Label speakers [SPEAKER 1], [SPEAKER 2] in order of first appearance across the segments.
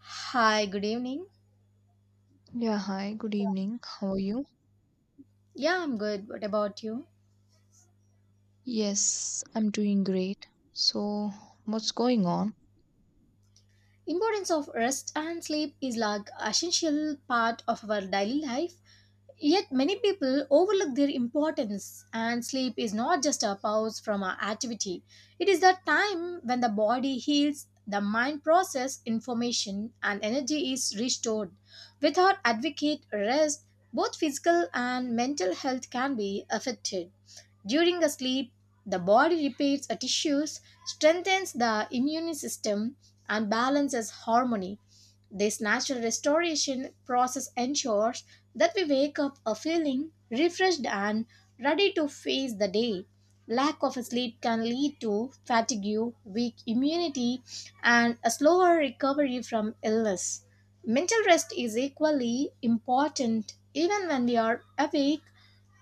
[SPEAKER 1] Hi, good evening.
[SPEAKER 2] Yeah, hi, good evening. How are you?
[SPEAKER 1] Yeah, I'm good. What about you?
[SPEAKER 2] Yes, I'm doing great. So, what's going on?
[SPEAKER 1] Importance of rest and sleep is like essential part of our daily life. Yet many people overlook their importance, and sleep is not just a pause from our activity. It is the time when the body heals, the mind process information, and energy is restored. Without adequate rest, both physical and mental health can be affected. During the sleep, the body repairs the tissues, strengthens the immune system, and balances harmony. This natural restoration process ensures that we wake up a feeling refreshed and ready to face the day. Lack of sleep can lead to fatigue, weak immunity, and a slower recovery from illness. Mental rest is equally important even when we are awake,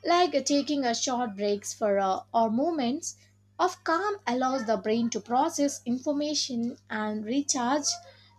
[SPEAKER 1] like taking a short breaks for or moments of calm allows the brain to process information and recharge.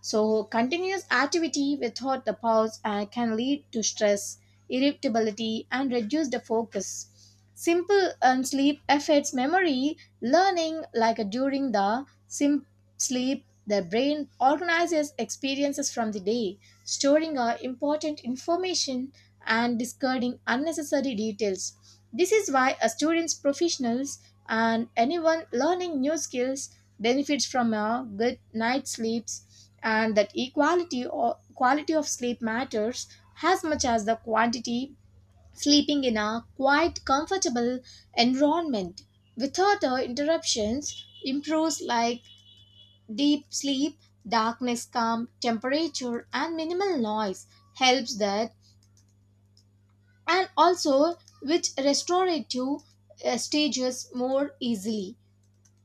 [SPEAKER 1] So continuous activity without the pause can lead to stress, irritability and reduce the focus. Simple sleep affects memory, learning, like during the sleep, the brain organizes experiences from the day, storing important information and discarding unnecessary details. This is why a students, professionals, and anyone learning new skills benefits from a good night's sleeps, and that equality or quality of sleep matters as much as the quantity. Sleeping in a quiet, comfortable environment without interruptions improves like deep sleep. Darkness, calm temperature, and minimal noise helps that, and also which restorative stages more easily.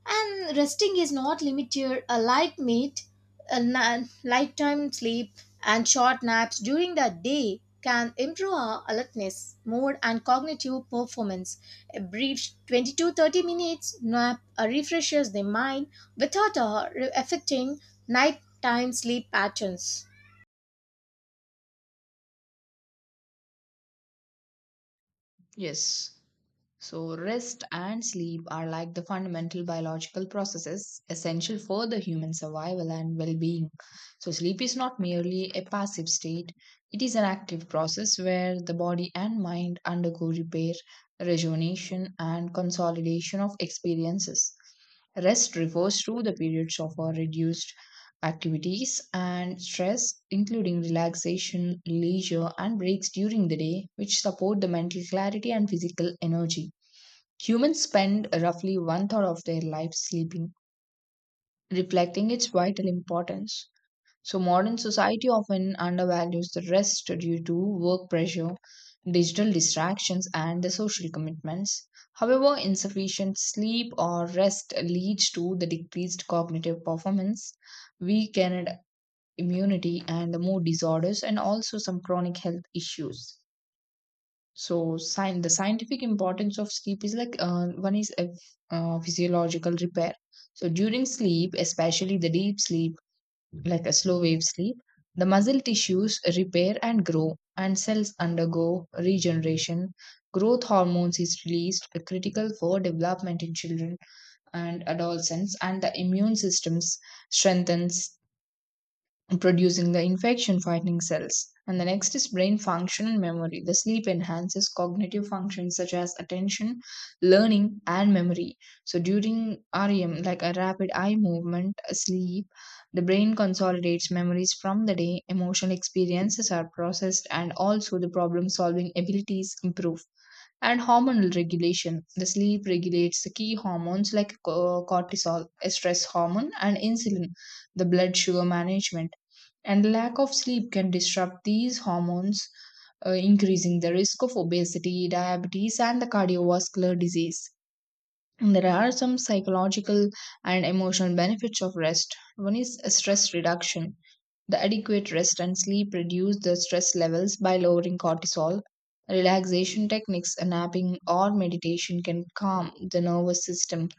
[SPEAKER 1] And resting is not limited, a light meat, a nighttime sleep, and short naps during the day can improve our alertness, mood, and cognitive performance. A brief 20 to 30 minutes nap refreshes the mind without affecting nighttime sleep patterns.
[SPEAKER 2] Yes. So, rest and sleep are like the fundamental biological processes essential for the human survival and well being. So, sleep is not merely a passive state, it is an active process where the body and mind undergo repair, rejuvenation, and consolidation of experiences. Rest refers to the periods of a reduced activities and stress, including relaxation, leisure, and breaks during the day, which support the mental clarity and physical energy. Humans spend roughly one third of their life sleeping, reflecting its vital importance. So, modern society often undervalues the rest due to work pressure, digital distractions, and the social commitments. However, insufficient sleep or rest leads to the decreased cognitive performance, weakened immunity and the mood disorders and also some chronic health issues. So sign, the scientific importance of sleep is like, one is a physiological repair. So during sleep, especially the deep sleep, like a slow wave sleep, the muscle tissues repair and grow, and cells undergo regeneration. Growth hormones is released, critical for development in children and adolescents, and the immune systems strengthens, producing the infection fighting cells. And the next is brain function and memory. The sleep enhances cognitive functions such as attention, learning, and memory. So during REM, like a rapid eye movement sleep, the brain consolidates memories from the day, emotional experiences are processed, and also the problem solving abilities improve. And hormonal regulation. The sleep regulates the key hormones like cortisol, a stress hormone, and insulin, the blood sugar management. And lack of sleep can disrupt these hormones, increasing the risk of obesity, diabetes, and the cardiovascular disease. And there are some psychological and emotional benefits of rest. One is stress reduction. The adequate rest and sleep reduce the stress levels by lowering cortisol. Relaxation techniques, napping, or meditation can calm the nervous system.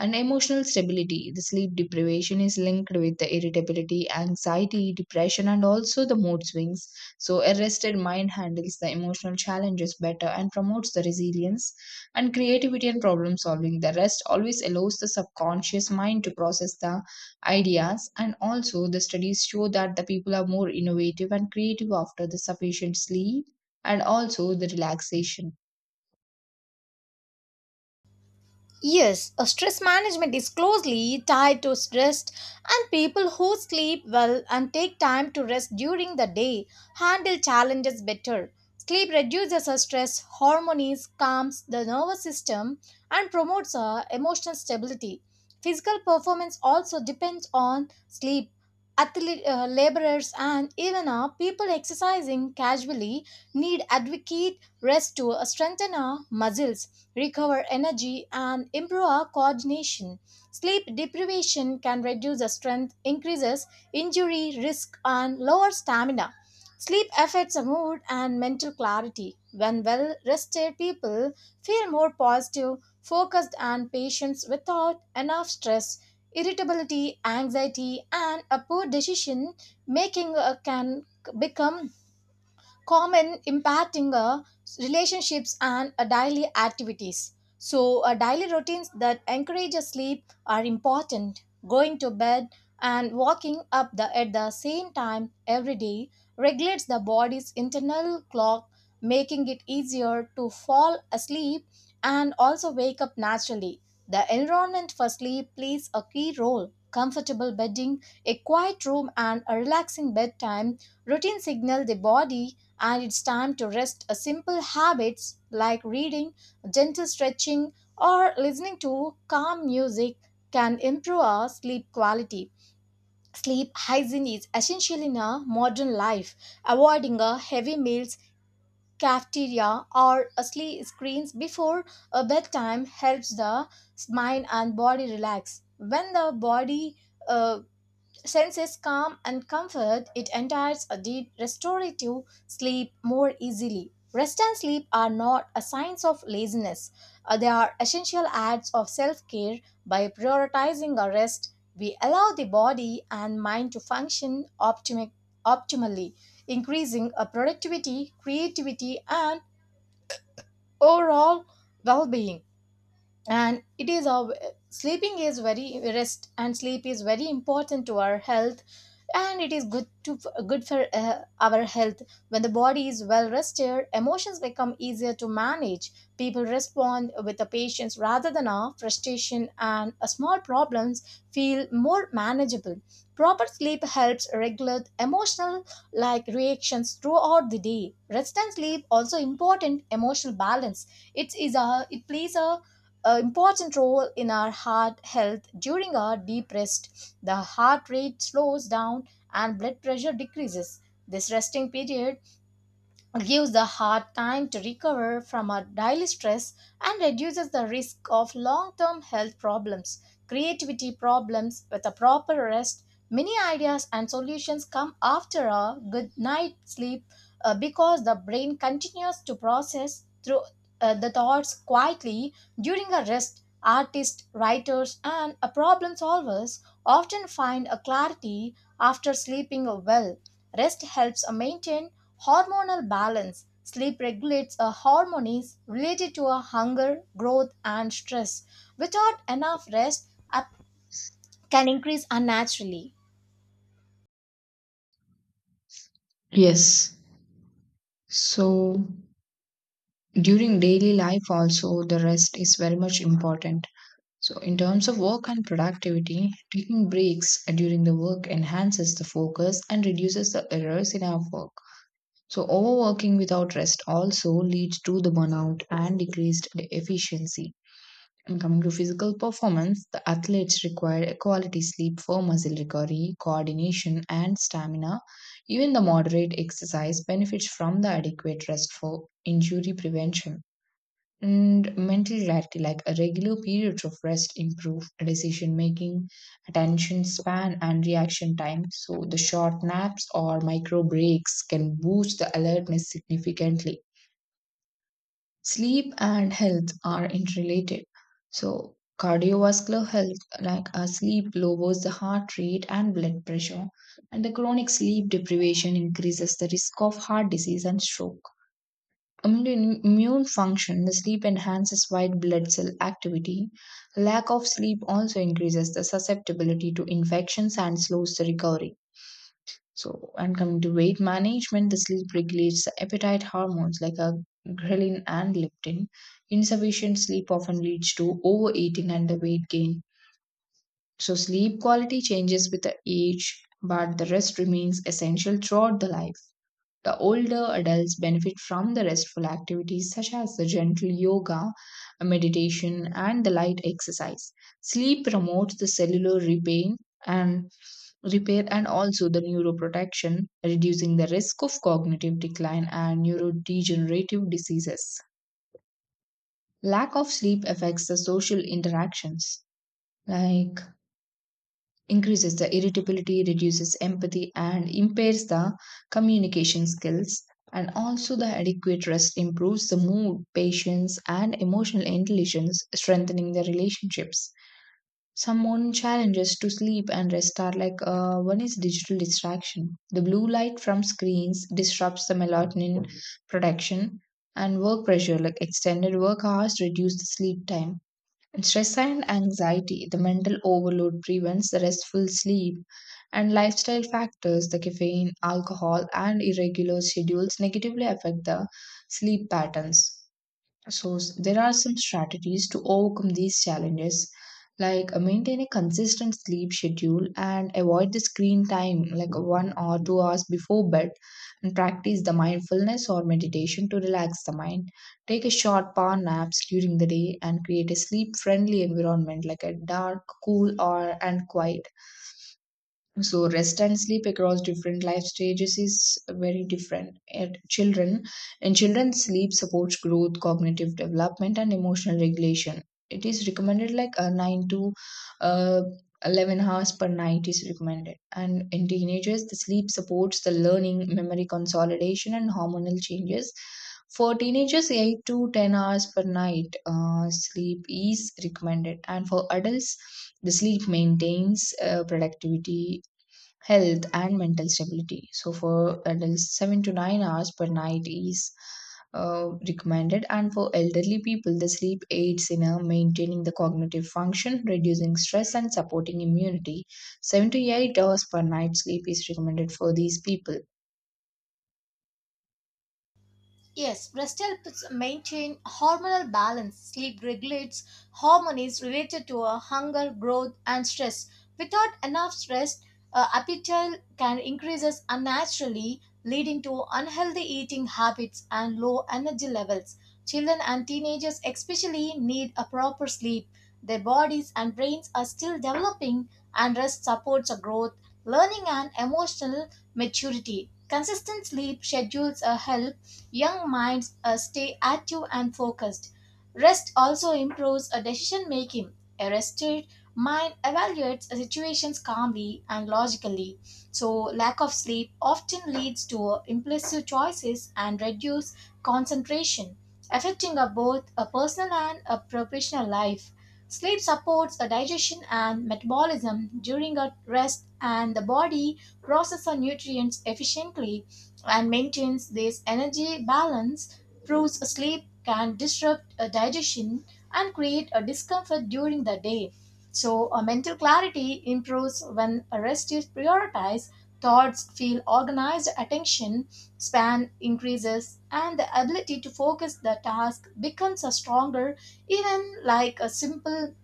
[SPEAKER 2] And emotional stability. The sleep deprivation is linked with the irritability, anxiety, depression, and also the mood swings. So, a rested mind handles the emotional challenges better and promotes the resilience and creativity and problem solving. The rest always allows the subconscious mind to process the ideas, and also the studies show that the people are more innovative and creative after the sufficient sleep and also the relaxation.
[SPEAKER 1] Yes, a stress management is closely tied to stress, and people who sleep well and take time to rest during the day handle challenges better. Sleep reduces our stress hormones, calms the nervous system, and promotes our emotional stability. Physical performance also depends on sleep. Athlete, laborers and even our people exercising casually need adequate rest to strengthen our muscles, recover energy, and improve our coordination. Sleep deprivation can reduce the strength, increases injury risk, and lower stamina. Sleep affects the mood and mental clarity. When well rested, people feel more positive, focused, and patient without enough stress. Irritability, anxiety, and a poor decision making can become common, impacting relationships and daily activities. So, daily routines that encourage a sleep are important. Going to bed and waking up at the same time every day regulates the body's internal clock, making it easier to fall asleep and also wake up naturally. The environment for sleep plays a key role. Comfortable bedding, a quiet room, and a relaxing bedtime routine signal the body and it's time to rest. A simple habits like reading, gentle stretching, or listening to calm music can improve our sleep quality. Sleep hygiene is essential in a modern life. Avoiding a heavy meals, cafeteria, or screens before a bedtime helps the mind and body relax. When the body uh, senses calm and comfort, it enters a deep restorative sleep more easily. Rest and sleep are not a signs of laziness. They are essential acts of self-care. By prioritizing our rest, we allow the body and mind to function optimally, increasing our productivity, creativity, and overall well-being. And it is our sleeping is very rest and sleep is very important to our health, and it is good for our health. When the body is well rested, emotions become easier to manage. People respond with a patience rather than a frustration, and a small problems feel more manageable. Proper sleep helps regulate emotional like reactions throughout the day. Rest and sleep also important emotional balance. It plays a an important role in our heart health. During our deep rest, the heart rate slows down and blood pressure decreases. This resting period gives the heart time to recover from our daily stress and reduces the risk of long term health problems. Creativity problems with a proper rest, many ideas and solutions come after a good night's sleep because the brain continues to process through the thoughts quietly during a rest. Artists, writers, and problem solvers often find a clarity after sleeping well. Rest helps maintain hormonal balance. Sleep regulates hormones related to hunger, growth, and stress. Without enough rest, can increase unnaturally.
[SPEAKER 2] Yes. So during daily life also, the rest is very much important. So in terms of work and productivity, taking breaks during the work enhances the focus and reduces the errors in our work. So overworking without rest also leads to the burnout and decreased efficiency. And coming to physical performance, the athletes require a quality sleep for muscle recovery, coordination, and stamina. Even the moderate exercise benefits from the adequate rest for injury prevention. And mental clarity, like a regular periods of rest, improve decision making, attention span, and reaction time. So, the short naps or micro breaks can boost the alertness significantly. Sleep and health are interrelated. So, cardiovascular health, like sleep, lowers the heart rate and blood pressure, and the chronic sleep deprivation increases the risk of heart disease and stroke. Immune function, the sleep enhances white blood cell activity. Lack of sleep also increases the susceptibility to infections and slows the recovery. So, and coming to weight management, the sleep regulates the appetite hormones like a ghrelin and leptin. Insufficient sleep often leads to overeating and the weight gain. So, sleep quality changes with the age, but the rest remains essential throughout the life. The older adults benefit from the restful activities such as the gentle yoga, meditation, and the light exercise. Sleep promotes the cellular and repair and also the neuroprotection, reducing the risk of cognitive decline and neurodegenerative diseases. Lack of sleep affects the social interactions, like increases the irritability, reduces empathy, and impairs the communication skills. And also, the adequate rest improves the mood, patience, and emotional intelligence, strengthening the relationships. Some modern challenges to sleep and rest are like, one is digital distraction. The blue light from screens disrupts the melatonin production, and work pressure, like extended work hours, reduce the sleep time. And stress and anxiety, the mental overload prevents the restful sleep, and lifestyle factors, the caffeine, alcohol, and irregular schedules negatively affect the sleep patterns. There are some strategies to overcome these challenges, like maintain a consistent sleep schedule and avoid the screen time, like one or two hours before bed, and practice the mindfulness or meditation to relax the mind. Take a short power naps during the day and create a sleep-friendly environment, like a dark, cool, or and quiet. So rest and sleep across different life stages is very different. At children, in children, sleep supports growth, cognitive development, and emotional regulation. It is recommended like a 9 to uh, 11 hours per night is recommended. And in teenagers, the sleep supports the learning, memory consolidation, and hormonal changes. For teenagers, 8 to 10 hours per night sleep is recommended. And for adults, the sleep maintains productivity, health, and mental stability. So for adults, 7 to 9 hours per night is recommended, and for elderly people, the sleep aids in maintaining the cognitive function, reducing stress, and supporting immunity. 7 to 8 hours per night sleep is recommended for these people.
[SPEAKER 1] Yes, rest helps maintain hormonal balance. Sleep regulates hormones related to hunger, growth, and stress. Without enough stress, appetite can increases unnaturally, leading to unhealthy eating habits and low energy levels. Children and teenagers especially need a proper sleep. Their bodies and brains are still developing, and rest supports a growth, learning, and emotional maturity. Consistent sleep schedules are help young minds stay active and focused. Rest also improves a decision making. A rested mind evaluates situations calmly and logically. So, lack of sleep often leads to impulsive choices and reduced concentration, affecting a both a personal and a professional life. Sleep supports a digestion and metabolism during a rest, and the body processes nutrients efficiently and maintains this energy balance, proves sleep can disrupt a digestion and create a discomfort during the day. So, a mental clarity improves when rest is prioritized, thoughts feel organized, attention span increases, and the ability to focus the task becomes a stronger, even like a simple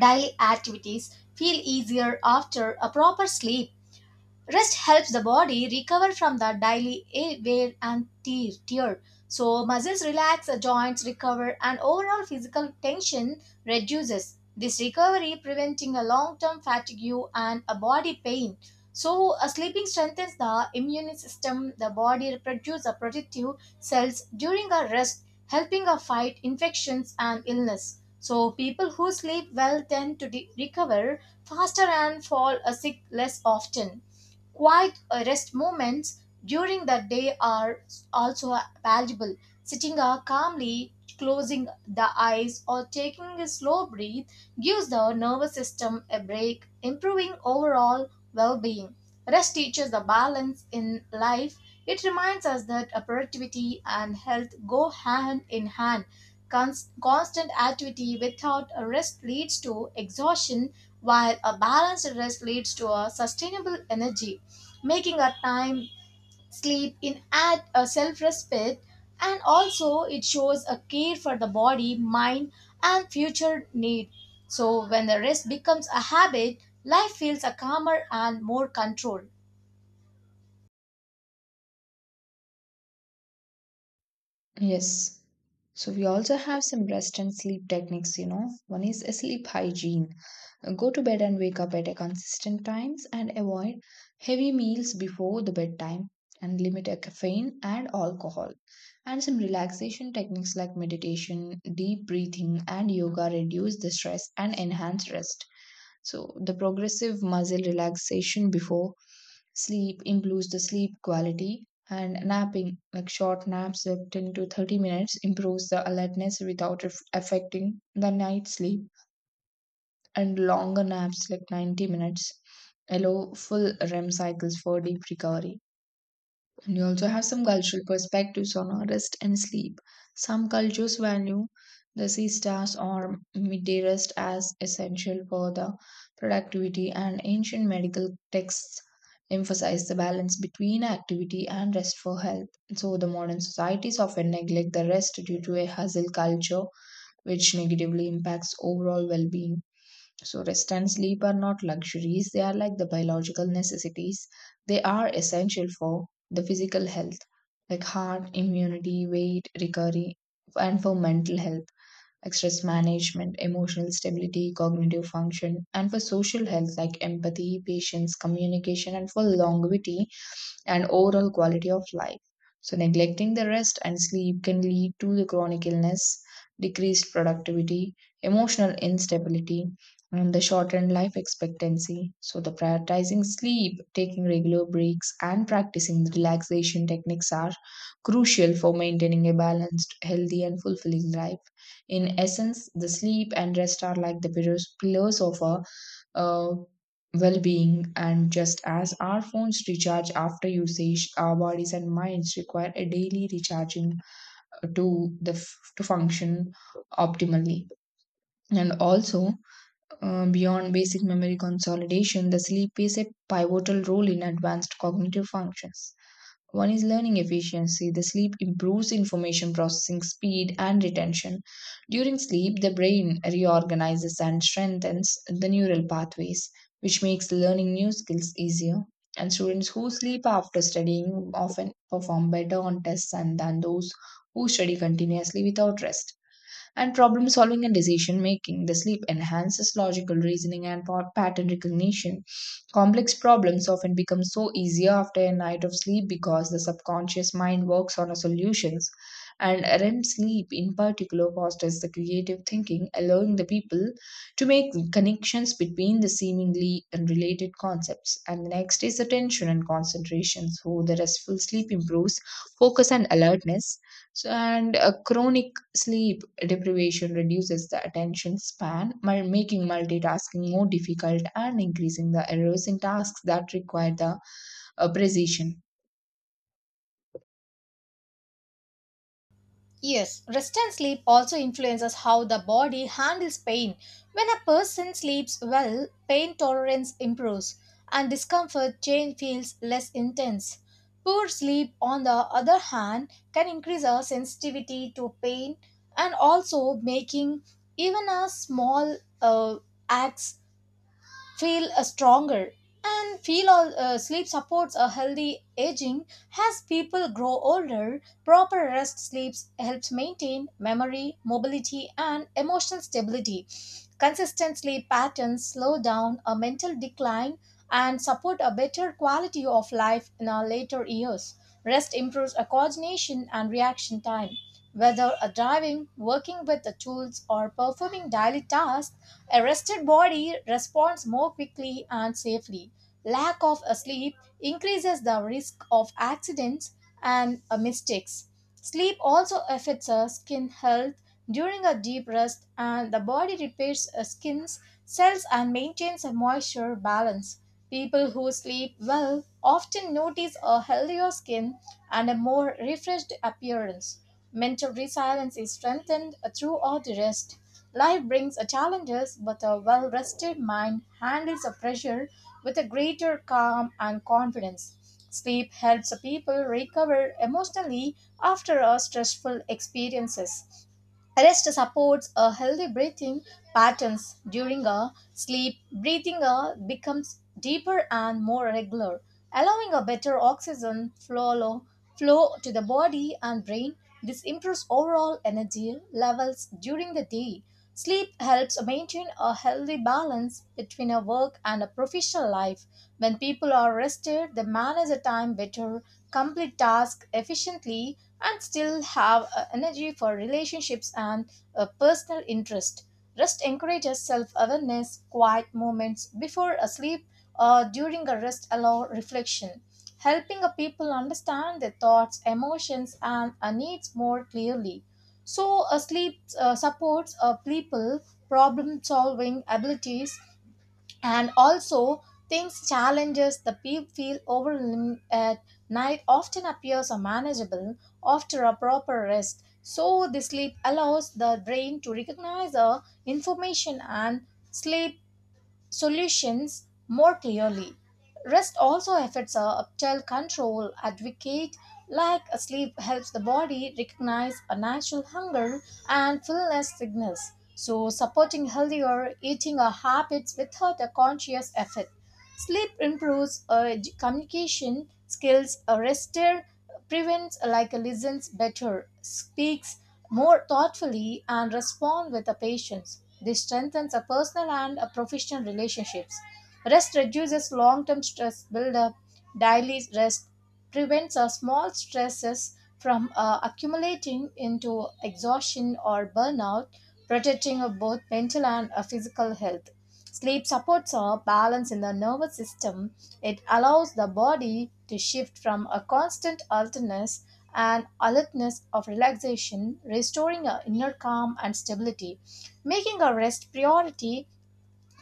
[SPEAKER 1] daily activities feel easier after a proper sleep. Rest helps the body recover from the daily wear and tear. So muscles relax, the joints recover, and overall physical tension reduces. This recovery preventing a long-term fatigue and a body pain. So a sleeping strengthens the immune system. The body produces protective cells during a rest, helping a fight infections and illness. So people who sleep well tend to recover faster and fall sick less often. Quiet rest moments during the day are also valuable. Sitting calmly, closing the eyes, or taking a slow breath gives the nervous system a break, improving overall well being. Rest teaches the balance in life. It reminds us that productivity and health go hand in hand. Constant activity without a rest leads to exhaustion, while a balanced rest leads to a sustainable energy, making a time sleep in at a self-respect, and also it shows a care for the body mind and future need. So when the rest becomes a habit, life feels a calmer and more control.
[SPEAKER 2] Yes. So we also have some rest and sleep techniques, you know. One is a sleep hygiene. Go to bed and wake up at a consistent times, and avoid heavy meals before the bedtime, and limit a caffeine and alcohol. And some relaxation techniques like meditation, deep breathing, and yoga reduce the stress and enhance rest. So, the progressive muscle relaxation before sleep improves the sleep quality, and napping, like short naps of 10 to 30 minutes, improves the alertness without affecting the night sleep, and longer naps, like 90 minutes, allow full REM cycles for deep recovery. And you also have some cultural perspectives on our rest and sleep. Some cultures value the siestas or midday rest as essential for the productivity, and ancient medical texts emphasize the balance between activity and rest for health. So, the modern societies often neglect the rest due to a hustle culture, which negatively impacts overall well being. So, rest and sleep are not luxuries, they are like the biological necessities. They are essential for the physical health, like heart, immunity, weight, recovery, and for mental health, like stress management, emotional stability, cognitive function, and for social health, like empathy, patience, communication, and for longevity and overall quality of life. So, neglecting the rest and sleep can lead to the chronic illness, decreased productivity, emotional instability, and the shortened life expectancy. So, the prioritizing sleep, taking regular breaks, and practicing the relaxation techniques are crucial for maintaining a balanced, healthy, and fulfilling life. In essence, the sleep and rest are like the pillars of a uh, well being. And just as our phones recharge after usage, our bodies and minds require a daily recharging to function optimally. And also, beyond basic memory consolidation, the sleep plays a pivotal role in advanced cognitive functions. One is learning efficiency. The sleep improves information processing speed and retention. During sleep, the brain reorganizes and strengthens the neural pathways, which makes learning new skills easier. And students who sleep after studying often perform better on tests and than those who study continuously without rest. And problem solving and decision making. The sleep enhances logical reasoning and pattern recognition. Complex problems often become so easier after a night of sleep, because the subconscious mind works on a solutions. And REM sleep, in particular, fosters the creative thinking, allowing the people to make connections between the seemingly unrelated concepts. And the next is attention and concentration. So, the restful sleep improves focus and alertness. So, and a chronic sleep deprivation reduces the attention span, making multitasking more difficult and increasing the errors in tasks that require the precision.
[SPEAKER 1] Yes, rest and sleep also influences how the body handles pain. When a person sleeps well, pain tolerance improves and discomfort change feels less intense. Poor sleep, on the other hand, can increase our sensitivity to pain and also making even a small acts feel stronger and feel all sleep supports a healthy aging. As people grow older, proper rest sleeps helps maintain memory, mobility and emotional stability. Consistent sleep patterns slow down a mental decline and support a better quality of life in our later years. Rest improves a coordination and reaction time. Whether a driving, working with the tools, or performing daily tasks, a rested body responds more quickly and safely. Lack of a sleep increases the risk of accidents and mistakes. Sleep also affects our skin health. During a deep rest, and the body repairs skin's cells and maintains a moisture balance. People who sleep well often notice a healthier skin and a more refreshed appearance. Mental resilience is strengthened throughout the rest. Life brings challenges, but a well rested mind handles the pressure with a greater calm and confidence. Sleep helps people recover emotionally after a stressful experiences. Rest supports a healthy breathing patterns during a sleep. Breathing becomes deeper and more regular, allowing a better oxygen flow to the body and brain. This improves overall energy levels during the day. Sleep helps maintain a healthy balance between a work and a professional life. When people are rested, they manage their time better, complete tasks efficiently, and still have energy for relationships and personal interest. Rest encourages self awareness, quiet moments before a sleep or during a rest allow reflection, helping a people understand their thoughts, emotions, and needs more clearly. So, sleep supports people problem solving abilities, and also things challenges the people feel overwhelmed at night often appears unmanageable after a proper rest. So, the sleep allows the brain to recognize the information and sleep solutions more clearly. Rest also affects our uptile control. Advocate like sleep helps the body recognize a natural hunger and fullness signals. So, supporting healthier eating or habits without a conscious effort. Sleep improves communication skills. A rester prevents like a listens better, speaks more thoughtfully, and responds with a patience. This strengthens a personal and a professional relationships. Rest reduces long-term stress buildup. Daily rest prevents small stresses from accumulating into exhaustion or burnout, protecting both mental and physical health. Sleep supports a balance in the nervous system. It allows the body to shift from a constant alertness and alertness of relaxation, restoring our inner calm and stability. Making a rest priority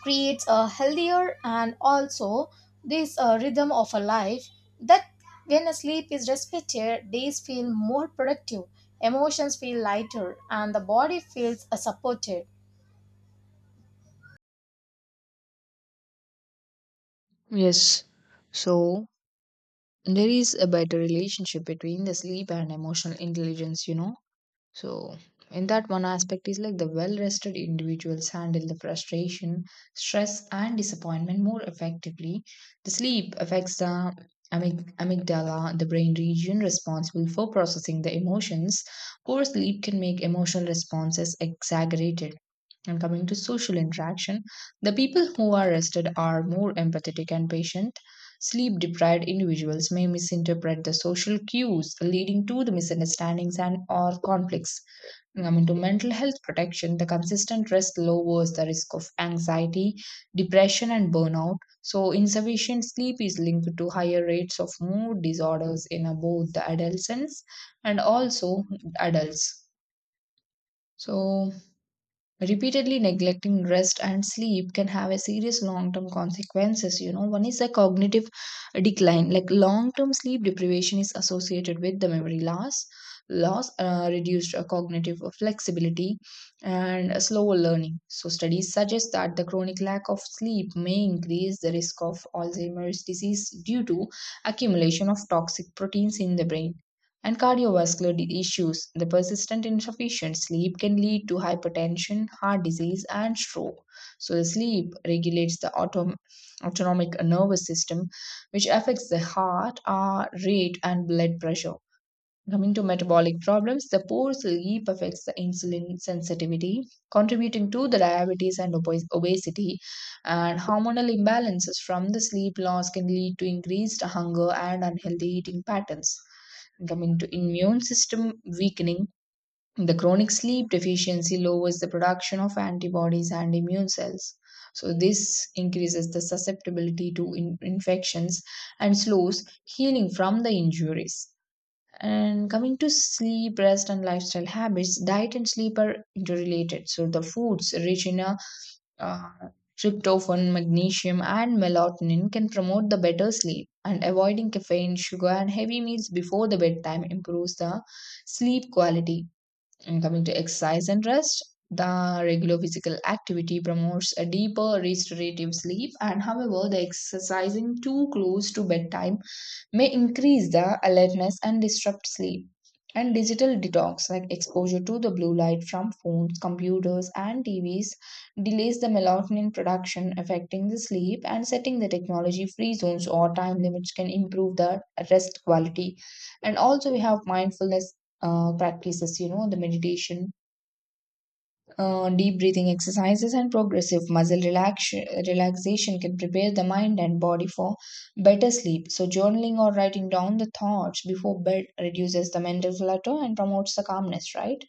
[SPEAKER 1] creates a healthier and also this rhythm of a life that when a sleep is respected, days feel more productive, emotions feel lighter, and the body feels supported.
[SPEAKER 2] Yes. So there is a better relationship between the sleep and emotional intelligence, you know. So, in that, one aspect is like the well rested individuals handle the frustration, stress, and disappointment more effectively. The sleep affects the amygdala, the brain region responsible for processing the emotions. Poor sleep can make emotional responses exaggerated. And coming to social interaction, the people who are rested are more empathetic and patient. Sleep deprived individuals may misinterpret the social cues, leading to the misunderstandings and or conflicts. I mean, to mental health protection, the consistent rest lowers the risk of anxiety, depression, and burnout. So, insufficient sleep is linked to higher rates of mood disorders in both the adolescents and also adults. So, repeatedly neglecting rest and sleep can have a serious long term consequences. One is the cognitive decline. Like long term sleep deprivation is associated with the memory loss, reduced cognitive flexibility and a slower learning. So studies suggest that the chronic lack of sleep may increase the risk of Alzheimer's disease due to accumulation of toxic proteins in the brain, and cardiovascular issues. The persistent insufficient sleep can lead to hypertension, heart disease, and stroke. So, the sleep regulates the autonomic nervous system, which affects the heart, rate, and blood pressure. Coming to metabolic problems, the poor sleep affects the insulin sensitivity, contributing to the diabetes and obesity. And hormonal imbalances from the sleep loss can lead to increased hunger and unhealthy eating patterns. Coming to immune system weakening, the chronic sleep deficiency lowers the production of antibodies and immune cells, so this increases the susceptibility to infections and slows healing from the injuries. And coming to sleep, rest and lifestyle habits, diet and sleep are interrelated, so the foods rich in uh, tryptophan, magnesium, and melatonin can promote the better sleep, and avoiding caffeine, sugar, and heavy meals before the bedtime improves the sleep quality. And coming to exercise and rest, the regular physical activity promotes a deeper restorative sleep, and however, the exercising too close to bedtime may increase the alertness and disrupt sleep. And digital detox, like exposure to the blue light from phones, computers, and TVs, delays the melatonin production, affecting the sleep, and setting the technology free zones or time limits can improve the rest quality. And also, we have mindfulness practices, you know, the meditation, deep breathing exercises, and progressive muscle relaxation can prepare the mind and body for better sleep. So, journaling or writing down the thoughts before bed reduces the mental clutter and promotes the calmness, right?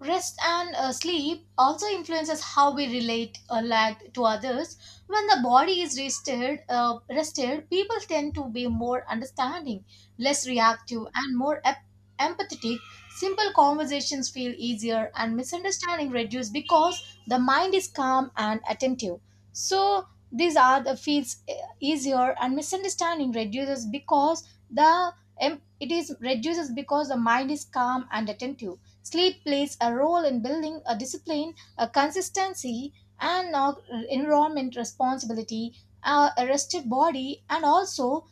[SPEAKER 1] Rest and sleep also influences how we relate or lack to others. When the body is rested, people tend to be more understanding, less reactive, and more empathetic. Simple conversations feel easier, and misunderstanding reduce because the mind is calm and attentive. So these are the feels easier, and misunderstanding reduces because it is reduces because the mind is calm and attentive. Sleep plays a role in building a discipline, a consistency, and environment responsibility, a rested body, and also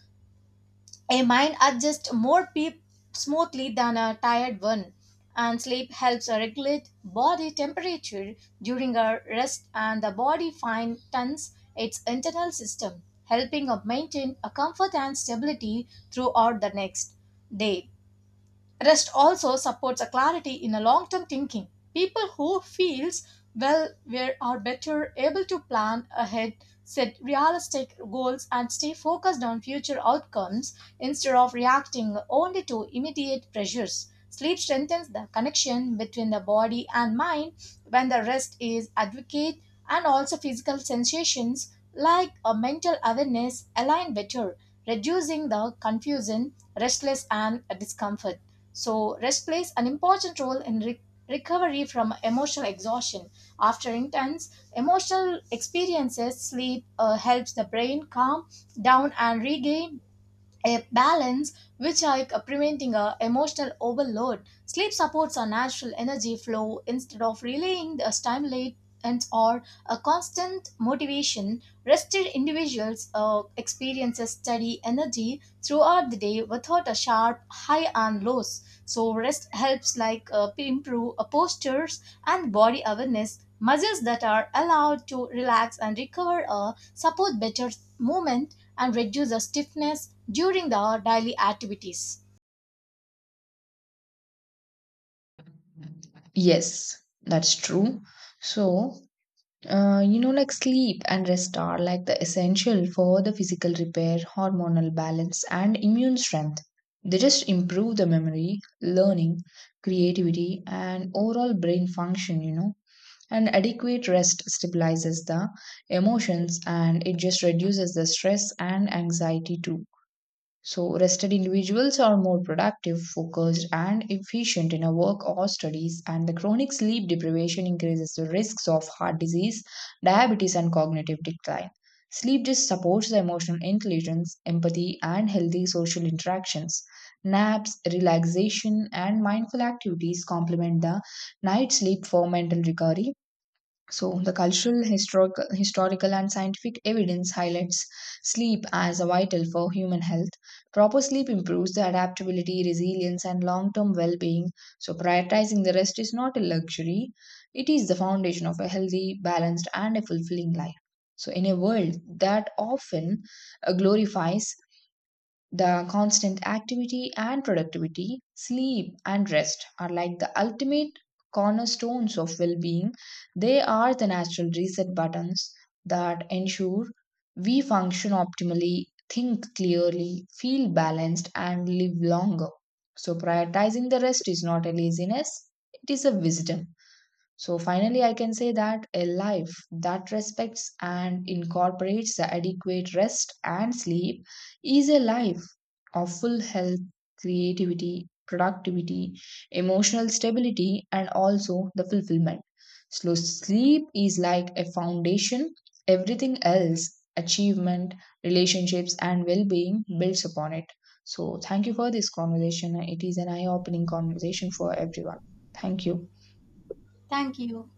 [SPEAKER 1] a mind adjusts more smoothly than a tired one. And sleep helps regulate body temperature during our rest, and the body fine tunes its internal system, helping us maintain a comfort and stability throughout the next day. Rest also supports a clarity in a long-term thinking. People who feels well were are better able to plan ahead, set realistic goals and stay focused on future outcomes instead of reacting only to immediate pressures. Sleep strengthens the connection between the body and mind when the rest is adequate, and also physical sensations like a mental awareness align better, reducing the confusion, restless and discomfort. So rest plays an important role in recovery from emotional exhaustion. After intense emotional experiences, sleep helps the brain calm down and regain a balance, which are like, preventing a emotional overload. Sleep supports our natural energy flow instead of relaying the stimulate and or a constant motivation. Rested individuals experiences steady energy throughout the day without a sharp high and lows. So rest helps like improve postures and body awareness. Muscles that are allowed to relax and recover support better movement and reduce the stiffness during the daily activities.
[SPEAKER 2] Yes, that's true. So, like sleep and rest are like the essential for the physical repair, hormonal balance, and immune strength. They just improve the memory, learning, creativity, and overall brain function. And adequate rest stabilizes the emotions and it just reduces the stress and anxiety too. So, rested individuals are more productive, focused, and efficient in a work or studies, and the chronic sleep deprivation increases the risks of heart disease, diabetes, and cognitive decline. Sleep just supports the emotional intelligence, empathy, and healthy social interactions. Naps, relaxation, and mindful activities complement the night sleep for mental recovery. So, the cultural, historical, and scientific evidence highlights sleep as vital for human health. Proper sleep improves the adaptability, resilience, and long term well being. So, prioritizing the rest is not a luxury, it is the foundation of a healthy, balanced, and a fulfilling life. So, in a world that often glorifies the constant activity and productivity, sleep and rest are like the ultimate cornerstones of well being. They are the natural reset buttons that ensure we function optimally, think clearly, feel balanced, and live longer. So, prioritizing the rest is not a laziness, it is a wisdom. So finally, I can say that a life that respects and incorporates the adequate rest and sleep is a life of full health, creativity, productivity, emotional stability, and also the fulfillment. So sleep is like a foundation, everything else, achievement, relationships, and well being builds upon it. So, thank you for this conversation. It is an eye opening conversation for everyone. Thank you.
[SPEAKER 1] Thank you.